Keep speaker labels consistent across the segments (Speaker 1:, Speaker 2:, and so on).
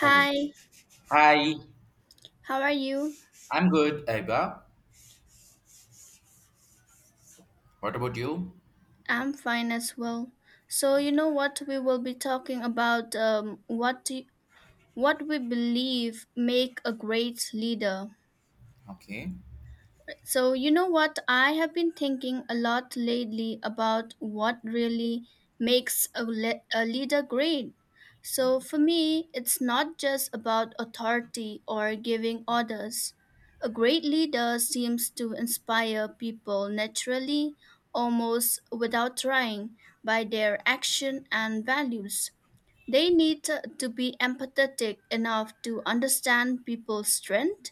Speaker 1: Hello. Hi,
Speaker 2: how are you?
Speaker 1: I'm good, Aiba. What about you?
Speaker 2: I'm fine as well. So you know what we will be talking about what we believe make a great leader.
Speaker 1: Okay.
Speaker 2: So, you know what? I have been thinking a lot lately about what really makes a leader great. So, for me, it's not just about authority or giving orders. A great leader seems to inspire people naturally, almost without trying, by their action and values. They need to be empathetic enough to understand people's strengths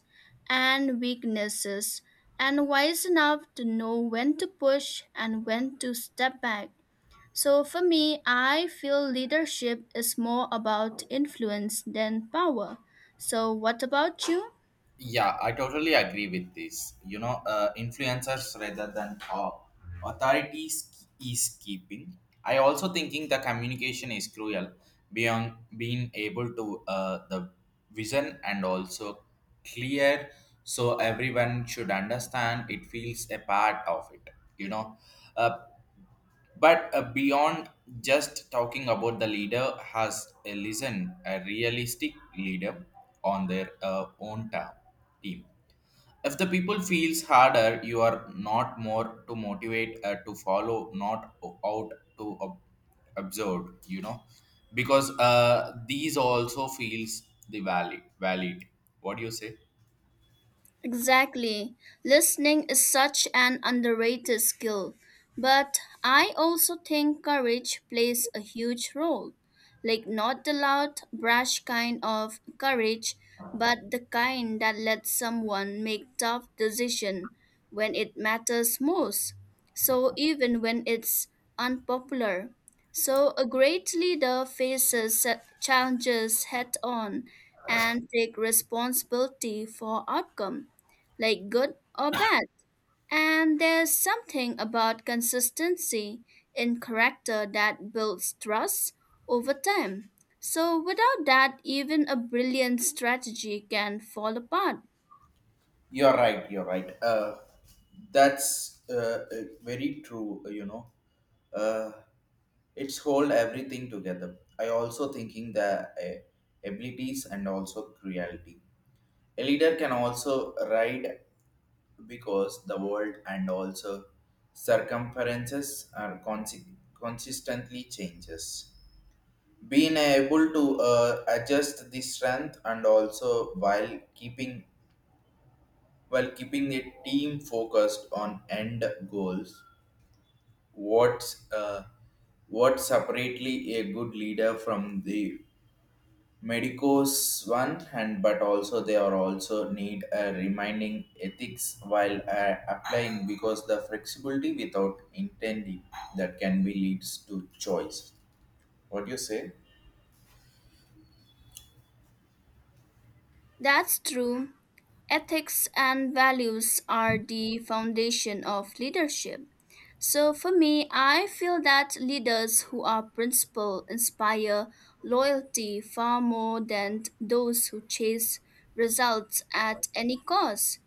Speaker 2: and weaknesses and wise enough to know when to push and when to step back. So for me, I feel leadership is more about influence than power. So what about you?
Speaker 1: Yeah, I totally agree with this. Influencers rather than authorities is keeping. I also thinking the communication is cruel beyond being able to the vision and also clear so everyone should understand it feels a part of it. You know, uh. But beyond just talking about the leader, has a listen a realistic leader on their own team. If the people feels harder, you are not more to motivate to follow, not out to observe. Because these also feels the valid. What do you say?
Speaker 2: Exactly. Listening is such an underrated skill. But I also think courage plays a huge role. Like, not the loud, brash kind of courage, but the kind that lets someone make tough decisions when it matters most. So, even when it's unpopular. So, a great leader faces challenges head on and take responsibility for outcome like good or bad. And there's something about consistency in character that builds trust over time. So, without that, even a brilliant strategy can fall apart.
Speaker 1: You're right. You're right. That's uh, very true. Uh, it's hold everything together. I also thinking the abilities and also cruelty. A leader can also ride because the world and also circumferences are consistently changes. Being able to adjust the strength and also while keeping the team focused on end goals. What's uh, what separately a good leader from the medicos one, and but also they are also need a reminding ethics while applying because the flexibility without intending that can be leads to choice. What do you say?
Speaker 2: That's true. Ethics and values are the foundation of leadership. So, for me, I feel that leaders who are principled inspire loyalty far more than those who chase results at any cost.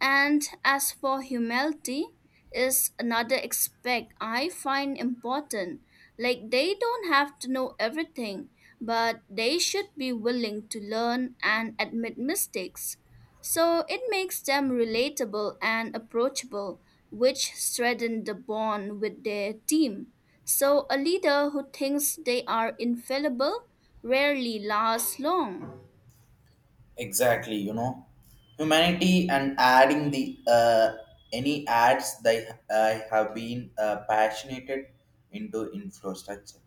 Speaker 2: And as for humility, is another aspect I find important. Like they don't have to know everything, but they should be willing to learn and admit mistakes. So it makes them relatable and approachable, which strengthens the bond with their team. So a leader who thinks they are infallible rarely lasts long.
Speaker 1: Exactly, humanity and adding the any ads they have been passionate into infrastructure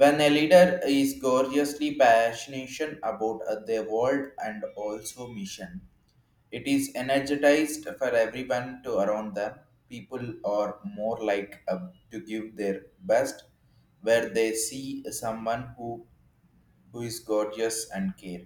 Speaker 1: when a leader is gorgeously passionate about their world and also mission it is energized for everyone to around them people are more like to give their best where they see someone who is gorgeous and care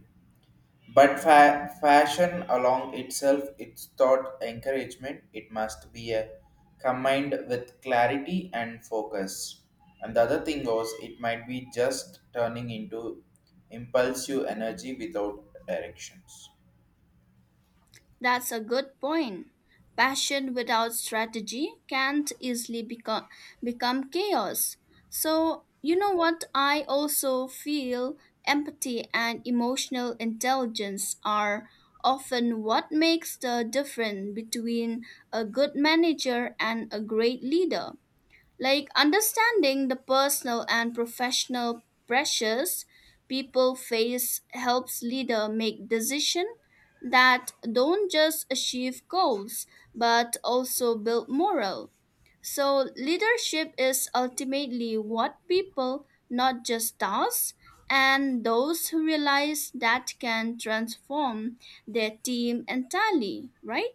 Speaker 1: but fashion along itself, it's thought encouragement. It must be a combined with clarity and focus. And the other thing was, it might be just turning into impulsive energy without directions.
Speaker 2: That's a good point. Passion without strategy can't easily become chaos. So, you know what? I also feel empathy and emotional intelligence are often what makes the difference between a good manager and a great leader. Like understanding the personal and professional pressures people face helps leader make decisions that don't just achieve goals but also build morale. So leadership is ultimately what people, not just tasks, and those who realize that can transform their team entirely, right?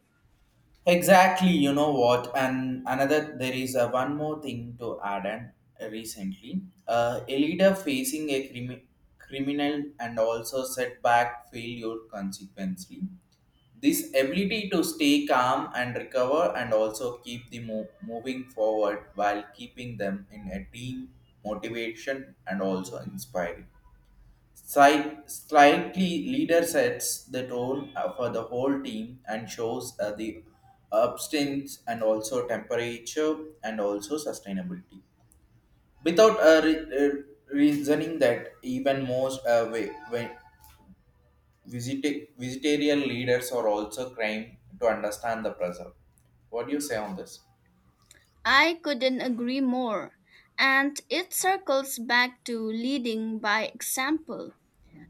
Speaker 1: Exactly, you know what? And another, there is a one more thing to add. And recently, a leader facing a criminal and also setback failure consequently. This ability to stay calm and recover and also keep the moving forward while keeping them in a team motivation and also inspiring. Slightly leader sets the tone for the whole team and shows the abstinence and also temperature and also sustainability without reasoning that even most vegetarian leaders are also crying to understand the pressure. What do you say on this?
Speaker 2: I couldn't agree more. And it circles back to leading by example,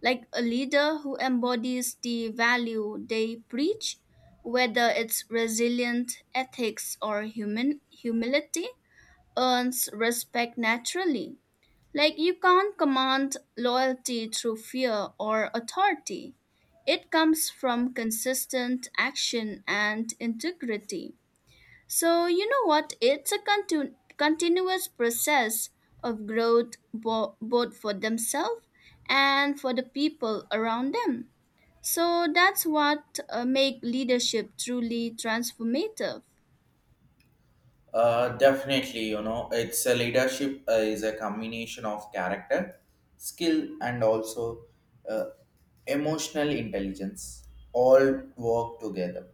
Speaker 2: like a leader who embodies the value they preach, whether it's resilient ethics or human humility, earns respect naturally. Like you can't command loyalty through fear or authority. It comes from consistent action and integrity. So, you know what? It's a continuous process of growth both for themselves and for the people around them. So, that's what makes leadership truly transformative.
Speaker 1: Definitely, it's a leadership is a combination of character, skill, and also uh, emotional intelligence. All work together.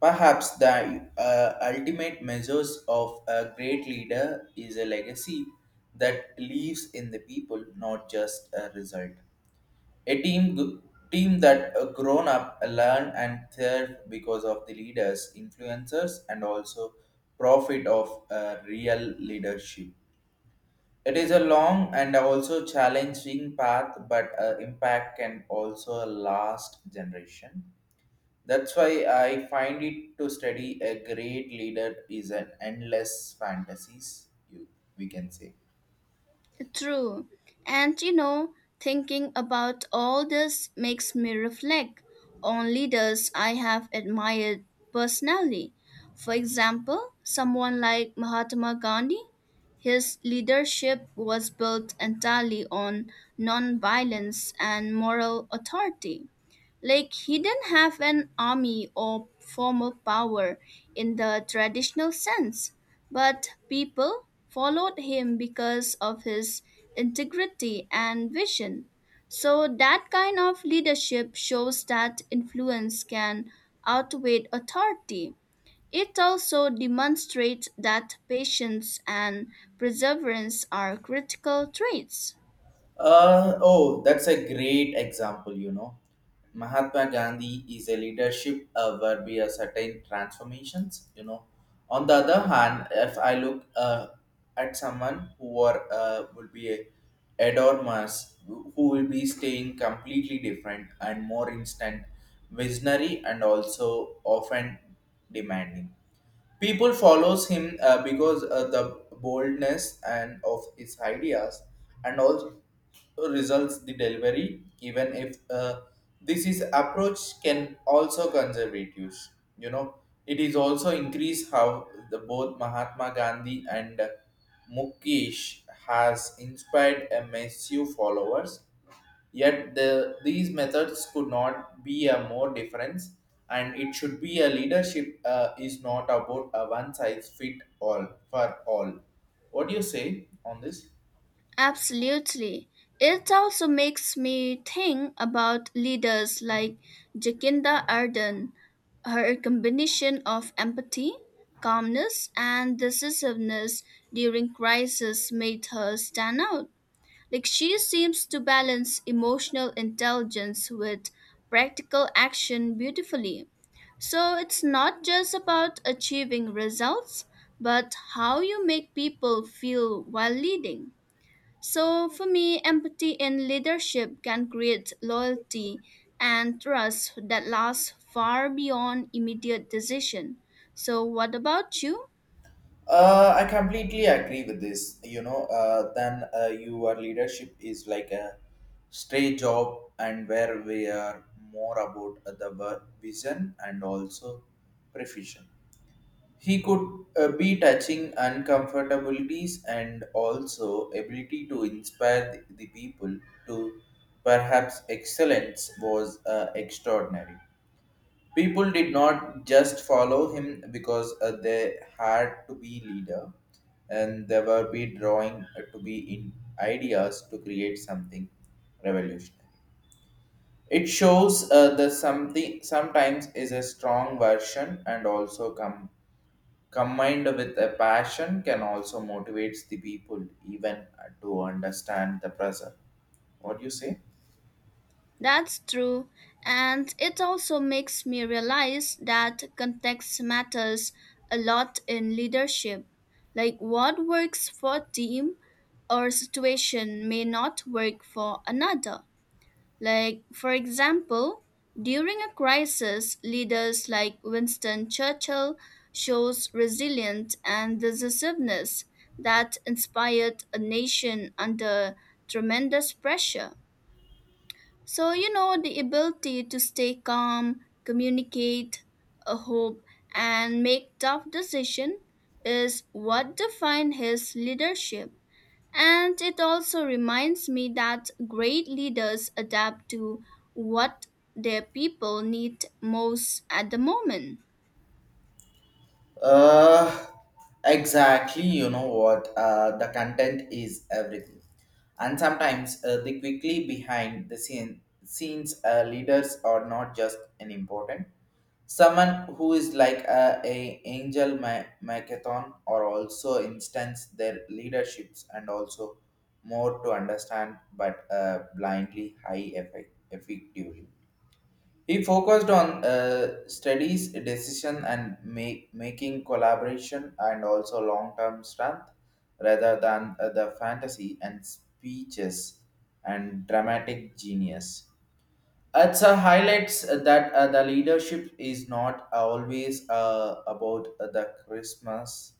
Speaker 1: Perhaps the ultimate measures of a great leader is a legacy that lives in the people, not just a result. A team that grown up, learn and thrive because of the leaders, influencers, and also profit of real leadership. It is a long and also challenging path, but impact can also last generation. That's why I find it to study a great leader is an endless fantasies. You We can say.
Speaker 2: True. And you know, thinking about all this makes me reflect on leaders I have admired personally. For example, someone like Mahatma Gandhi, his leadership was built entirely on non-violence and moral authority. Like he didn't have an army or formal power in the traditional sense, but people followed him because of his integrity and vision. So that kind of leadership shows that influence can outweigh authority. It also demonstrates that patience and perseverance are critical traits.
Speaker 1: Oh, that's a great example. Mahatma Gandhi is a leadership where we are certain transformations. On the other hand, if I look at someone who are, would be a adormas, who will be staying completely different and more instant, visionary and also often demanding. People follows him because the boldness and of his ideas, and also results the delivery. Even if this is approach can also conservative, you know, it is also increase how the both Mahatma Gandhi and Mukesh has inspired a massive followers. Yet these methods could not be a more difference, and it should be a leadership is not about a one size fit all for all. What do you say on this?
Speaker 2: Absolutely. It also makes me think about leaders like Jacinda Ardern. Her combination of empathy, calmness, and decisiveness during crisis made her stand out. Like she seems to balance emotional intelligence with practical action beautifully. So it's not just about achieving results, but how you make people feel while leading. So, for me, empathy in leadership can create loyalty and trust that lasts far beyond immediate decision. So, what about you?
Speaker 1: I completely agree with this. Then your leadership is like a straight job, and where we are more about the work vision and also provision. He could be touching uncomfortabilities and also ability to inspire the people to perhaps excellence was extraordinary. People did not just follow him because they had to be leader and they were be drawing to be in ideas to create something revolutionary. It shows the something sometimes is a strong version and also come combined with a passion can also motivates the people even to understand the pressure. What do you say?
Speaker 2: That's true. And it also makes me realize that context matters a lot in leadership. Like what works for a team or situation may not work for another. Like, for example, during a crisis, leaders like Winston Churchill shows resilience and decisiveness that inspired a nation under tremendous pressure. So, you know, the ability to stay calm, communicate, hope, and make tough decisions is what defined his leadership. And it also reminds me that great leaders adapt to what their people need most at the moment.
Speaker 1: Uh, exactly. You know what? The content is everything, and sometimes the quickly behind the scenes leaders are not just an important. Someone who is like a angel macathon or also instance their leaderships and also more to understand but blindly high effectively. He focused on studies, decision and making collaboration and also long term strength rather than the fantasy and speeches and dramatic genius. It's a highlights that the leadership is not always about the Christmas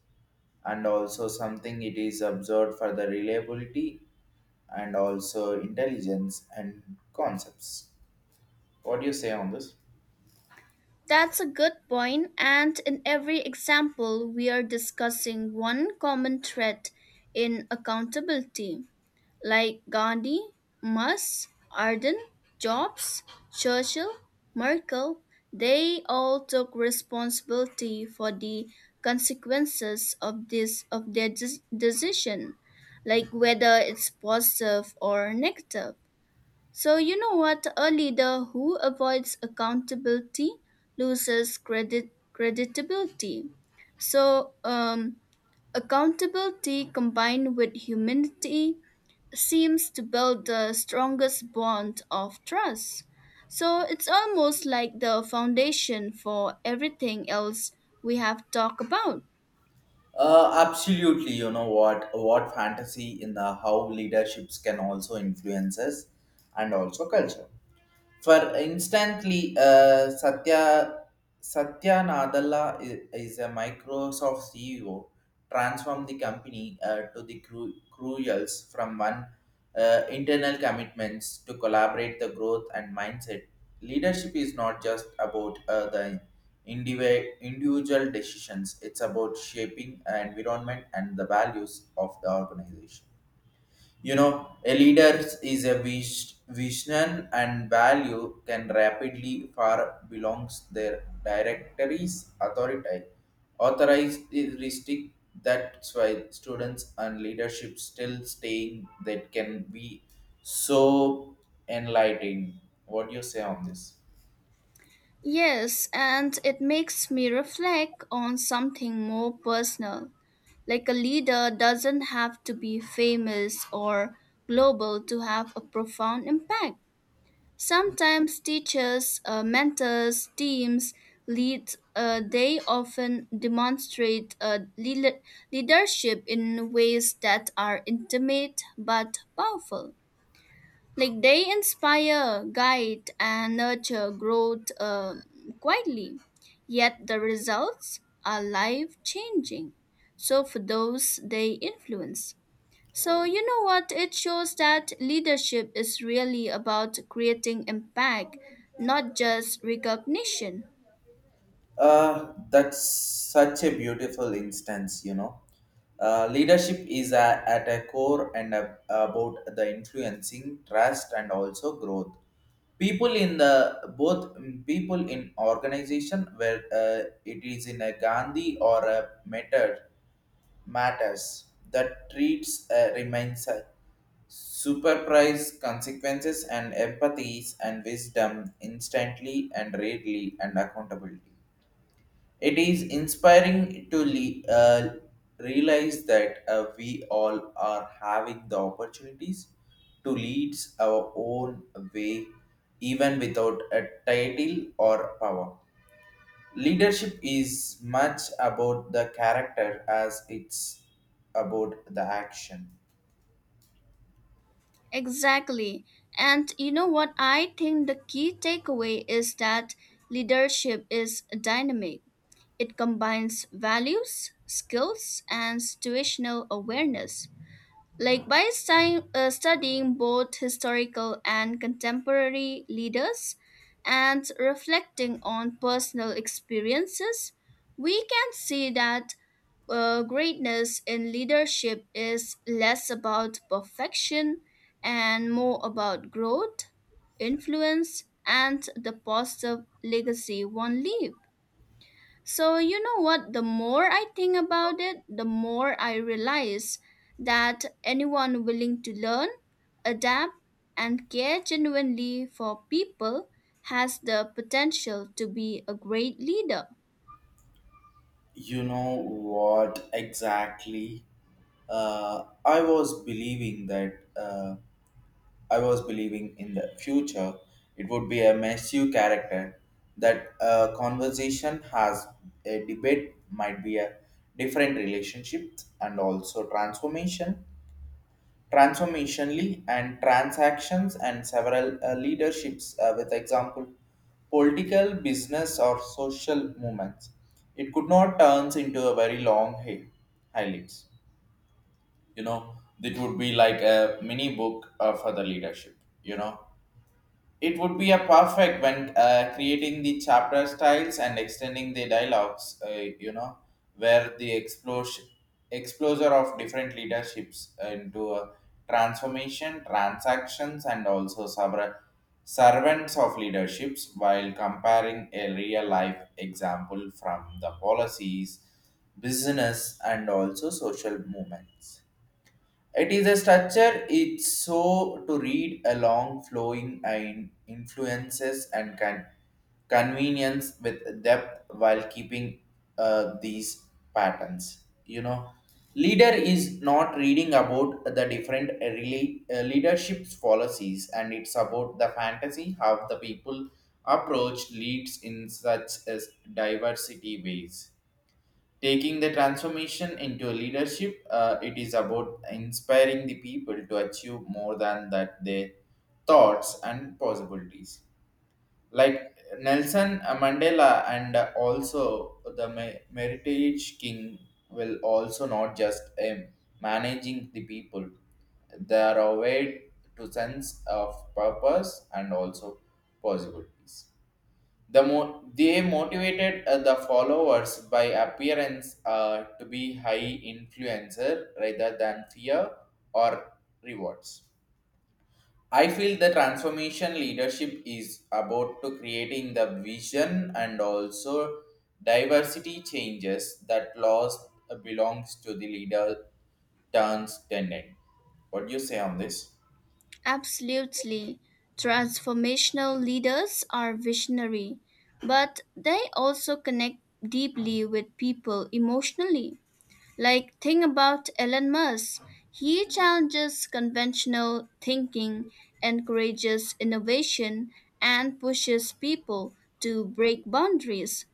Speaker 1: and also something it is observed for the reliability and also intelligence and concepts. What do you say on this?
Speaker 2: That's a good point, and in every example, we are discussing one common thread in accountability, like Gandhi, Musk, Arden, Jobs, Churchill, Merkel. They all took responsibility for the consequences of their decision, like whether it's positive or negative. So, you know what? A leader who avoids accountability loses creditability. So, accountability combined with humanity seems to build the strongest bond of trust. So, it's almost like the foundation for everything else we have talked about.
Speaker 1: Absolutely. You know what? What fantasy in the how leaderships can also influence us and also culture. For instantly, Satya Nadella is a Microsoft CEO, transformed the company to the crucials from one internal commitments to collaborate the growth and mindset. Leadership is not just about the individual decisions; it's about shaping environment and the values of the organization. A leader is a vision and value can rapidly far belongs their directories authority authoristic that's why students and leadership still staying that can be so enlightening. What do you say on this?
Speaker 2: Yes, and it makes me reflect on something more personal. Like a leader doesn't have to be famous or global to have a profound impact. Sometimes teachers, mentors, teams, lead, they often demonstrate leadership in ways that are intimate but powerful, like they inspire, guide, and nurture growth quietly, yet the results are life changing, so for those they influence. So you know what? It shows that leadership is really about creating impact, not just recognition.
Speaker 1: That's such a beautiful instance. Leadership is at a core and about the influencing trust and also growth. People in the both people in organization where it is in a Gandhi or a method matters that treats remains a superprise consequences and empathies and wisdom instantly and readily and accountability it is inspiring to realize that we all are having the opportunities to lead our own way, even without a title or power. Leadership is much about the character as it's about the action.
Speaker 2: Exactly. And you know what? I think the key takeaway is that leadership is dynamic. It combines values, skills, and situational awareness. Like by studying both historical and contemporary leaders and reflecting on personal experiences, we can see that greatness in leadership is less about perfection and more about growth, influence, and the positive legacy one leaves. So, you know what? The more I think about it, the more I realize that anyone willing to learn, adapt, and care genuinely for people has the potential to be a great leader.
Speaker 1: You know what exactly? I was believing that. I was believing in the future it would be a massive character that a conversation has a debate might be a different relationship and also transformation transformationally and transactions and several leaderships with example political business or social movements it could not turns into a very long highlights you know it would be like a mini book for the leadership you know it would be a perfect when creating the chapter styles and extending the dialogues, you know, where the exposure of different leaderships into a transformation, transactions, and also sabra, servants of leaderships while comparing a real life example from the policies, business, and also social movements. It is a structure, it's so to read along flowing and influences and can convenience with depth while keeping these patterns. Leader is not reading about the different leadership's policies and it's about the fantasy how the people approach leads in such as diversity ways taking the transformation into a leadership it is about inspiring the people to achieve more than that their thoughts and possibilities like Nelson Mandela and also the meritage king will also not just managing the people they are aware to sense of purpose and also possibilities the they motivated the followers by appearance to be high influencer rather than fear or rewards. I feel the transformation leadership is about to creating the vision and also diversity changes that laws belongs to the leader turns tenant. What do you say on this?
Speaker 2: Absolutely. Transformational leaders are visionary, but they also connect deeply with people emotionally. Like, think about Elon Musk. He challenges conventional thinking, encourages innovation, and pushes people to break boundaries.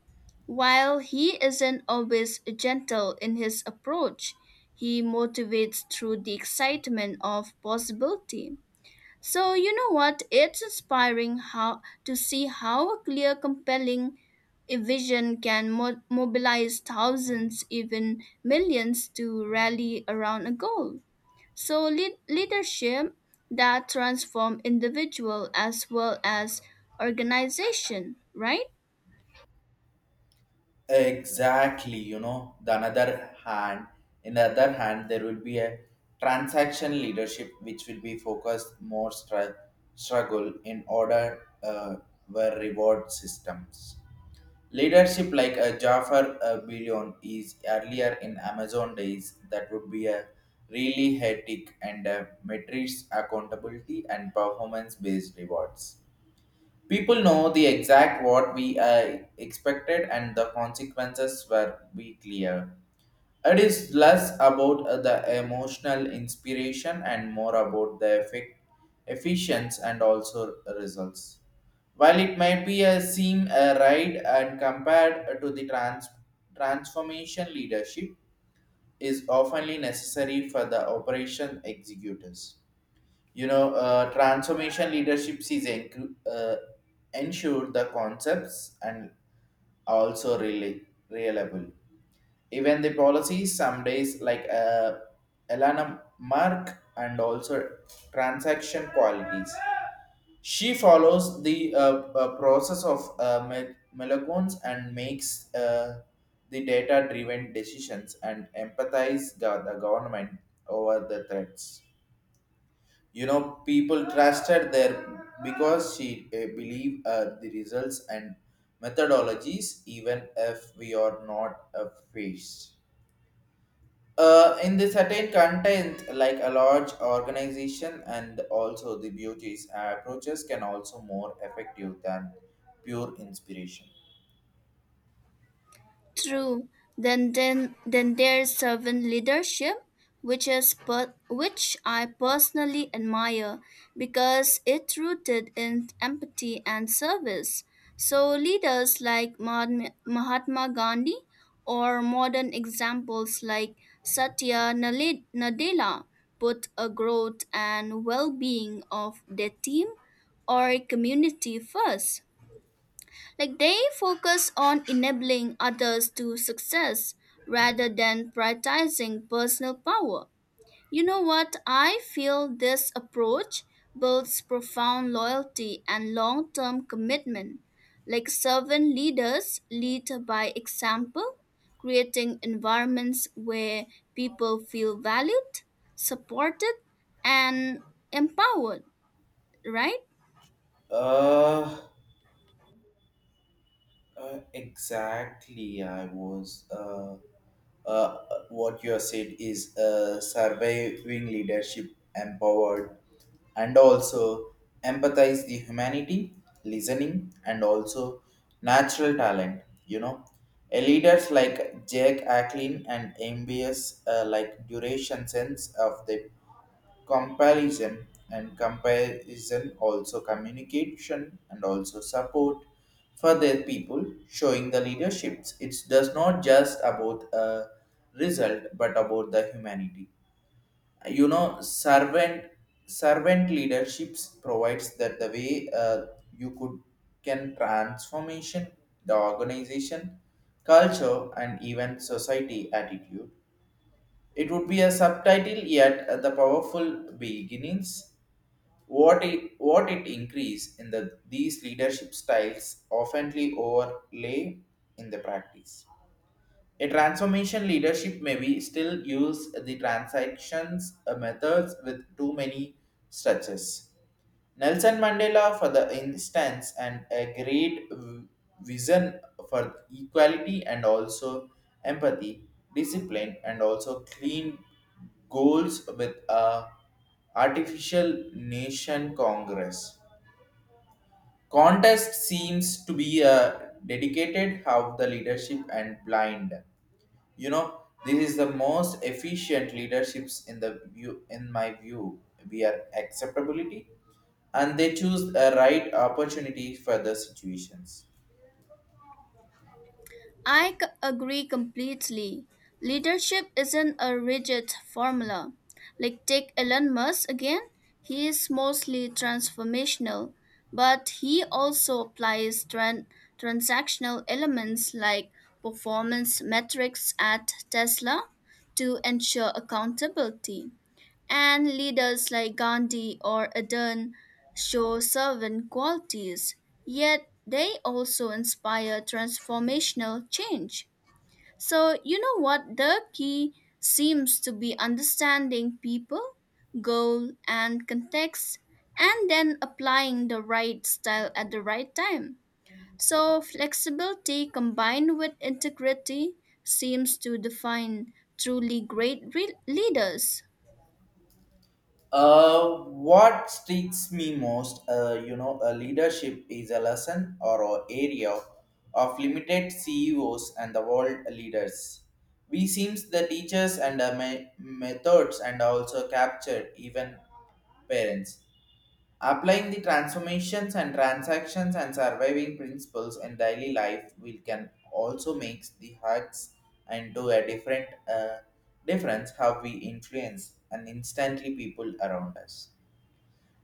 Speaker 2: While he isn't always gentle in his approach, he motivates through the excitement of possibility. So you know what? It's inspiring how to see how a clear, compelling a vision can mobilize thousands, even millions, to rally around a goal. So leadership that transforms individual as well as organization, right?
Speaker 1: Exactly, in the other hand, there will be a transaction leadership which will be focused more struggle in order were reward systems. Leadership like a Jafar Billion is earlier in Amazon days that would be a really hectic and metrics accountability and performance based rewards. People know the exact what we expected and the consequences were be clear. It is less about the emotional inspiration and more about the efficiency and also results. While it might be a seem a right and compared to the transformation leadership is often necessary for the operation executors. Transformation leadership is ensure the concepts and also really reliable. Even the policies, some days like Elana Mark and also transaction qualities. She follows the process of me- Melagons and makes the data-driven decisions and empathize the government over the threats, you know, people trusted there because she believe the results and methodologies, even if we are not faced in the certain content like a large organization, and also the beauties approaches can also more effective than pure inspiration.
Speaker 2: True. Then there's servant leadership, which I personally admire because it rooted in empathy and service. So leaders like Mahatma Gandhi or modern examples like Nadella put a growth and well-being of their team or community first. Like they focus on enabling others to success rather than prioritizing personal power. You know what? I feel this approach builds profound loyalty and long term commitment. Like servant leaders lead by example, creating environments where people feel valued, supported, and empowered, right?
Speaker 1: uh, exactly. I was uh uh, what you have said is surviving leadership empowered and also empathize the humanity, listening and also natural talent, you know, a leaders like Jack Acklin and MBS, like duration sense of the comparison and comparison, also communication and also support for their people, showing the leaderships. It does not just about a result but about the humanity, you know. Servant leaderships provides that the way, you could can transformation the organization culture and even society attitude. It would be a subtitle yet the powerful beginnings. What it increase in the these leadership styles oftenly overlay in the practice. A transformation leadership may be still use the transactions methods with too many structures. Nelson Mandela, for the instance, and a great vision for equality and also empathy, discipline, and also clean goals with a artificial nation congress. Contest seems to be a dedicated how the leadership and blind. You know, this is the most efficient leaderships in the view, in my view. We are acceptability and they choose a right opportunity for the situations.
Speaker 2: Agree completely. Leadership isn't a rigid formula. Like take Elon Musk again, he is mostly transformational, but he also applies transactional elements like performance metrics at Tesla to ensure accountability. And leaders like Gandhi or Adan show servant qualities, yet they also inspire transformational change. So, you know what? The key seems to be understanding people, goal, and context, and then applying the right style at the right time. So, flexibility combined with integrity seems to define truly leaders.
Speaker 1: What strikes me most, you know, a leadership is a lesson or a area of limited CEOs and the world leaders. We seems the teachers and me- methods and also captured even parents. Applying the transformations and transactions and surviving principles in daily life, we can also make the hacks and do a different difference how we influence and instantly people around us.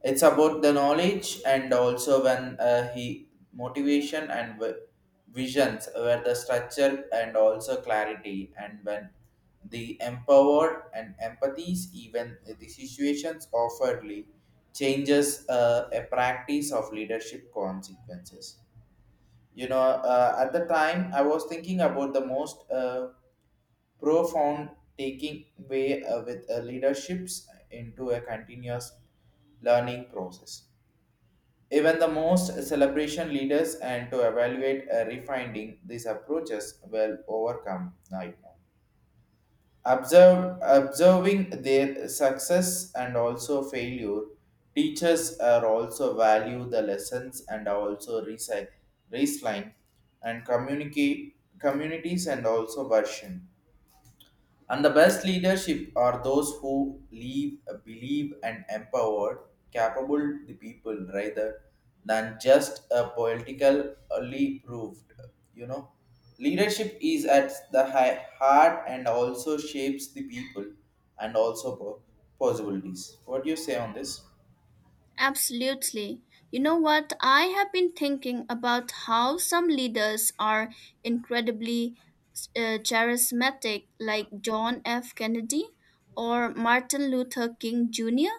Speaker 1: It's about the knowledge and also when he motivation and visions, where the structure and also clarity, and when the empowered and empathies even the situations offeredly changes a practice of leadership consequences. You know, at the time I was thinking about the most profound taking way with leaderships into a continuous learning process. Even the most celebration leaders and to evaluate refining these approaches will overcome night. Observing their success and also failure, teachers are also value the lessons and also resi- baseline and communicate communities and also version. And the best leadership are those who live, believe, and empower capable the people rather than just a politically proved. You know, leadership is at the heart and also shapes the people and also po- possibilities. What do you say on this?
Speaker 2: Absolutely. You know what? I have been thinking about how some leaders are incredibly charismatic, like John F. Kennedy or Martin Luther King Jr.,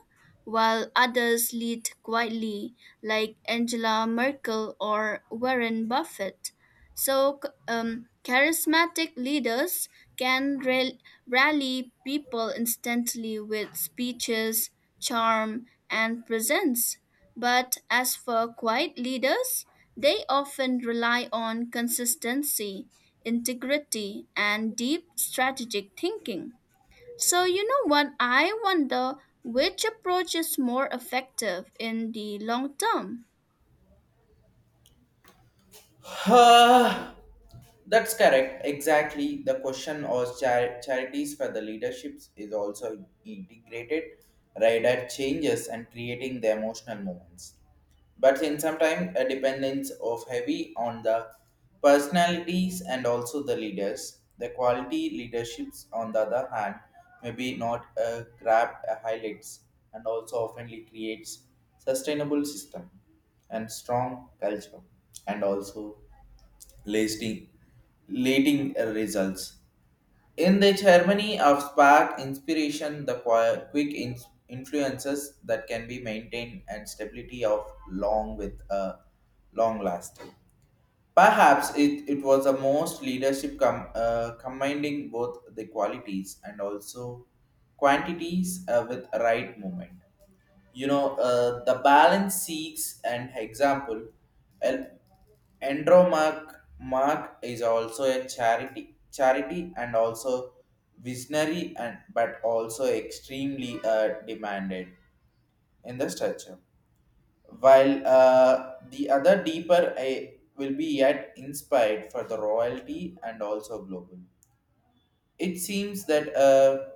Speaker 2: while others lead quietly, like Angela Merkel or Warren Buffett. So, charismatic leaders can rally people instantly with speeches, charm, and presence. But as for quiet leaders, they often rely on consistency, integrity, and deep strategic thinking. So, you know what? I wonder which approach is more effective in the long term.
Speaker 1: Uh, that's correct. Exactly. The question was char- charities for the leaderships is also integrated, rider changes and creating the emotional moments. But in some time, a dependence of heavy on the personalities and also the leaders. The quality leaderships, on the other hand, maybe not grab highlights and also oftenly creates sustainable system and strong culture and also lasting, leading results. In the harmony of spark inspiration, the quick in- influences that can be maintained and stability of long with a long lasting. Perhaps it was the most leadership combining both the qualities and also quantities with right movement, you know, the balance seeks and example, El- Andromark Mark is also a charity and also visionary, and but also extremely demanded in the structure, while the other deeper I will be yet inspired for the royalty and also global. it seems that uh,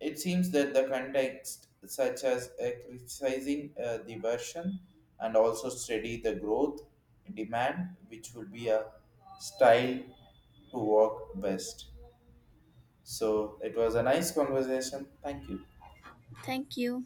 Speaker 1: it seems that the context, such as criticizing the version and also study the growth demand, which will be a style to work best. So it was a nice conversation. Thank you.
Speaker 2: Thank you.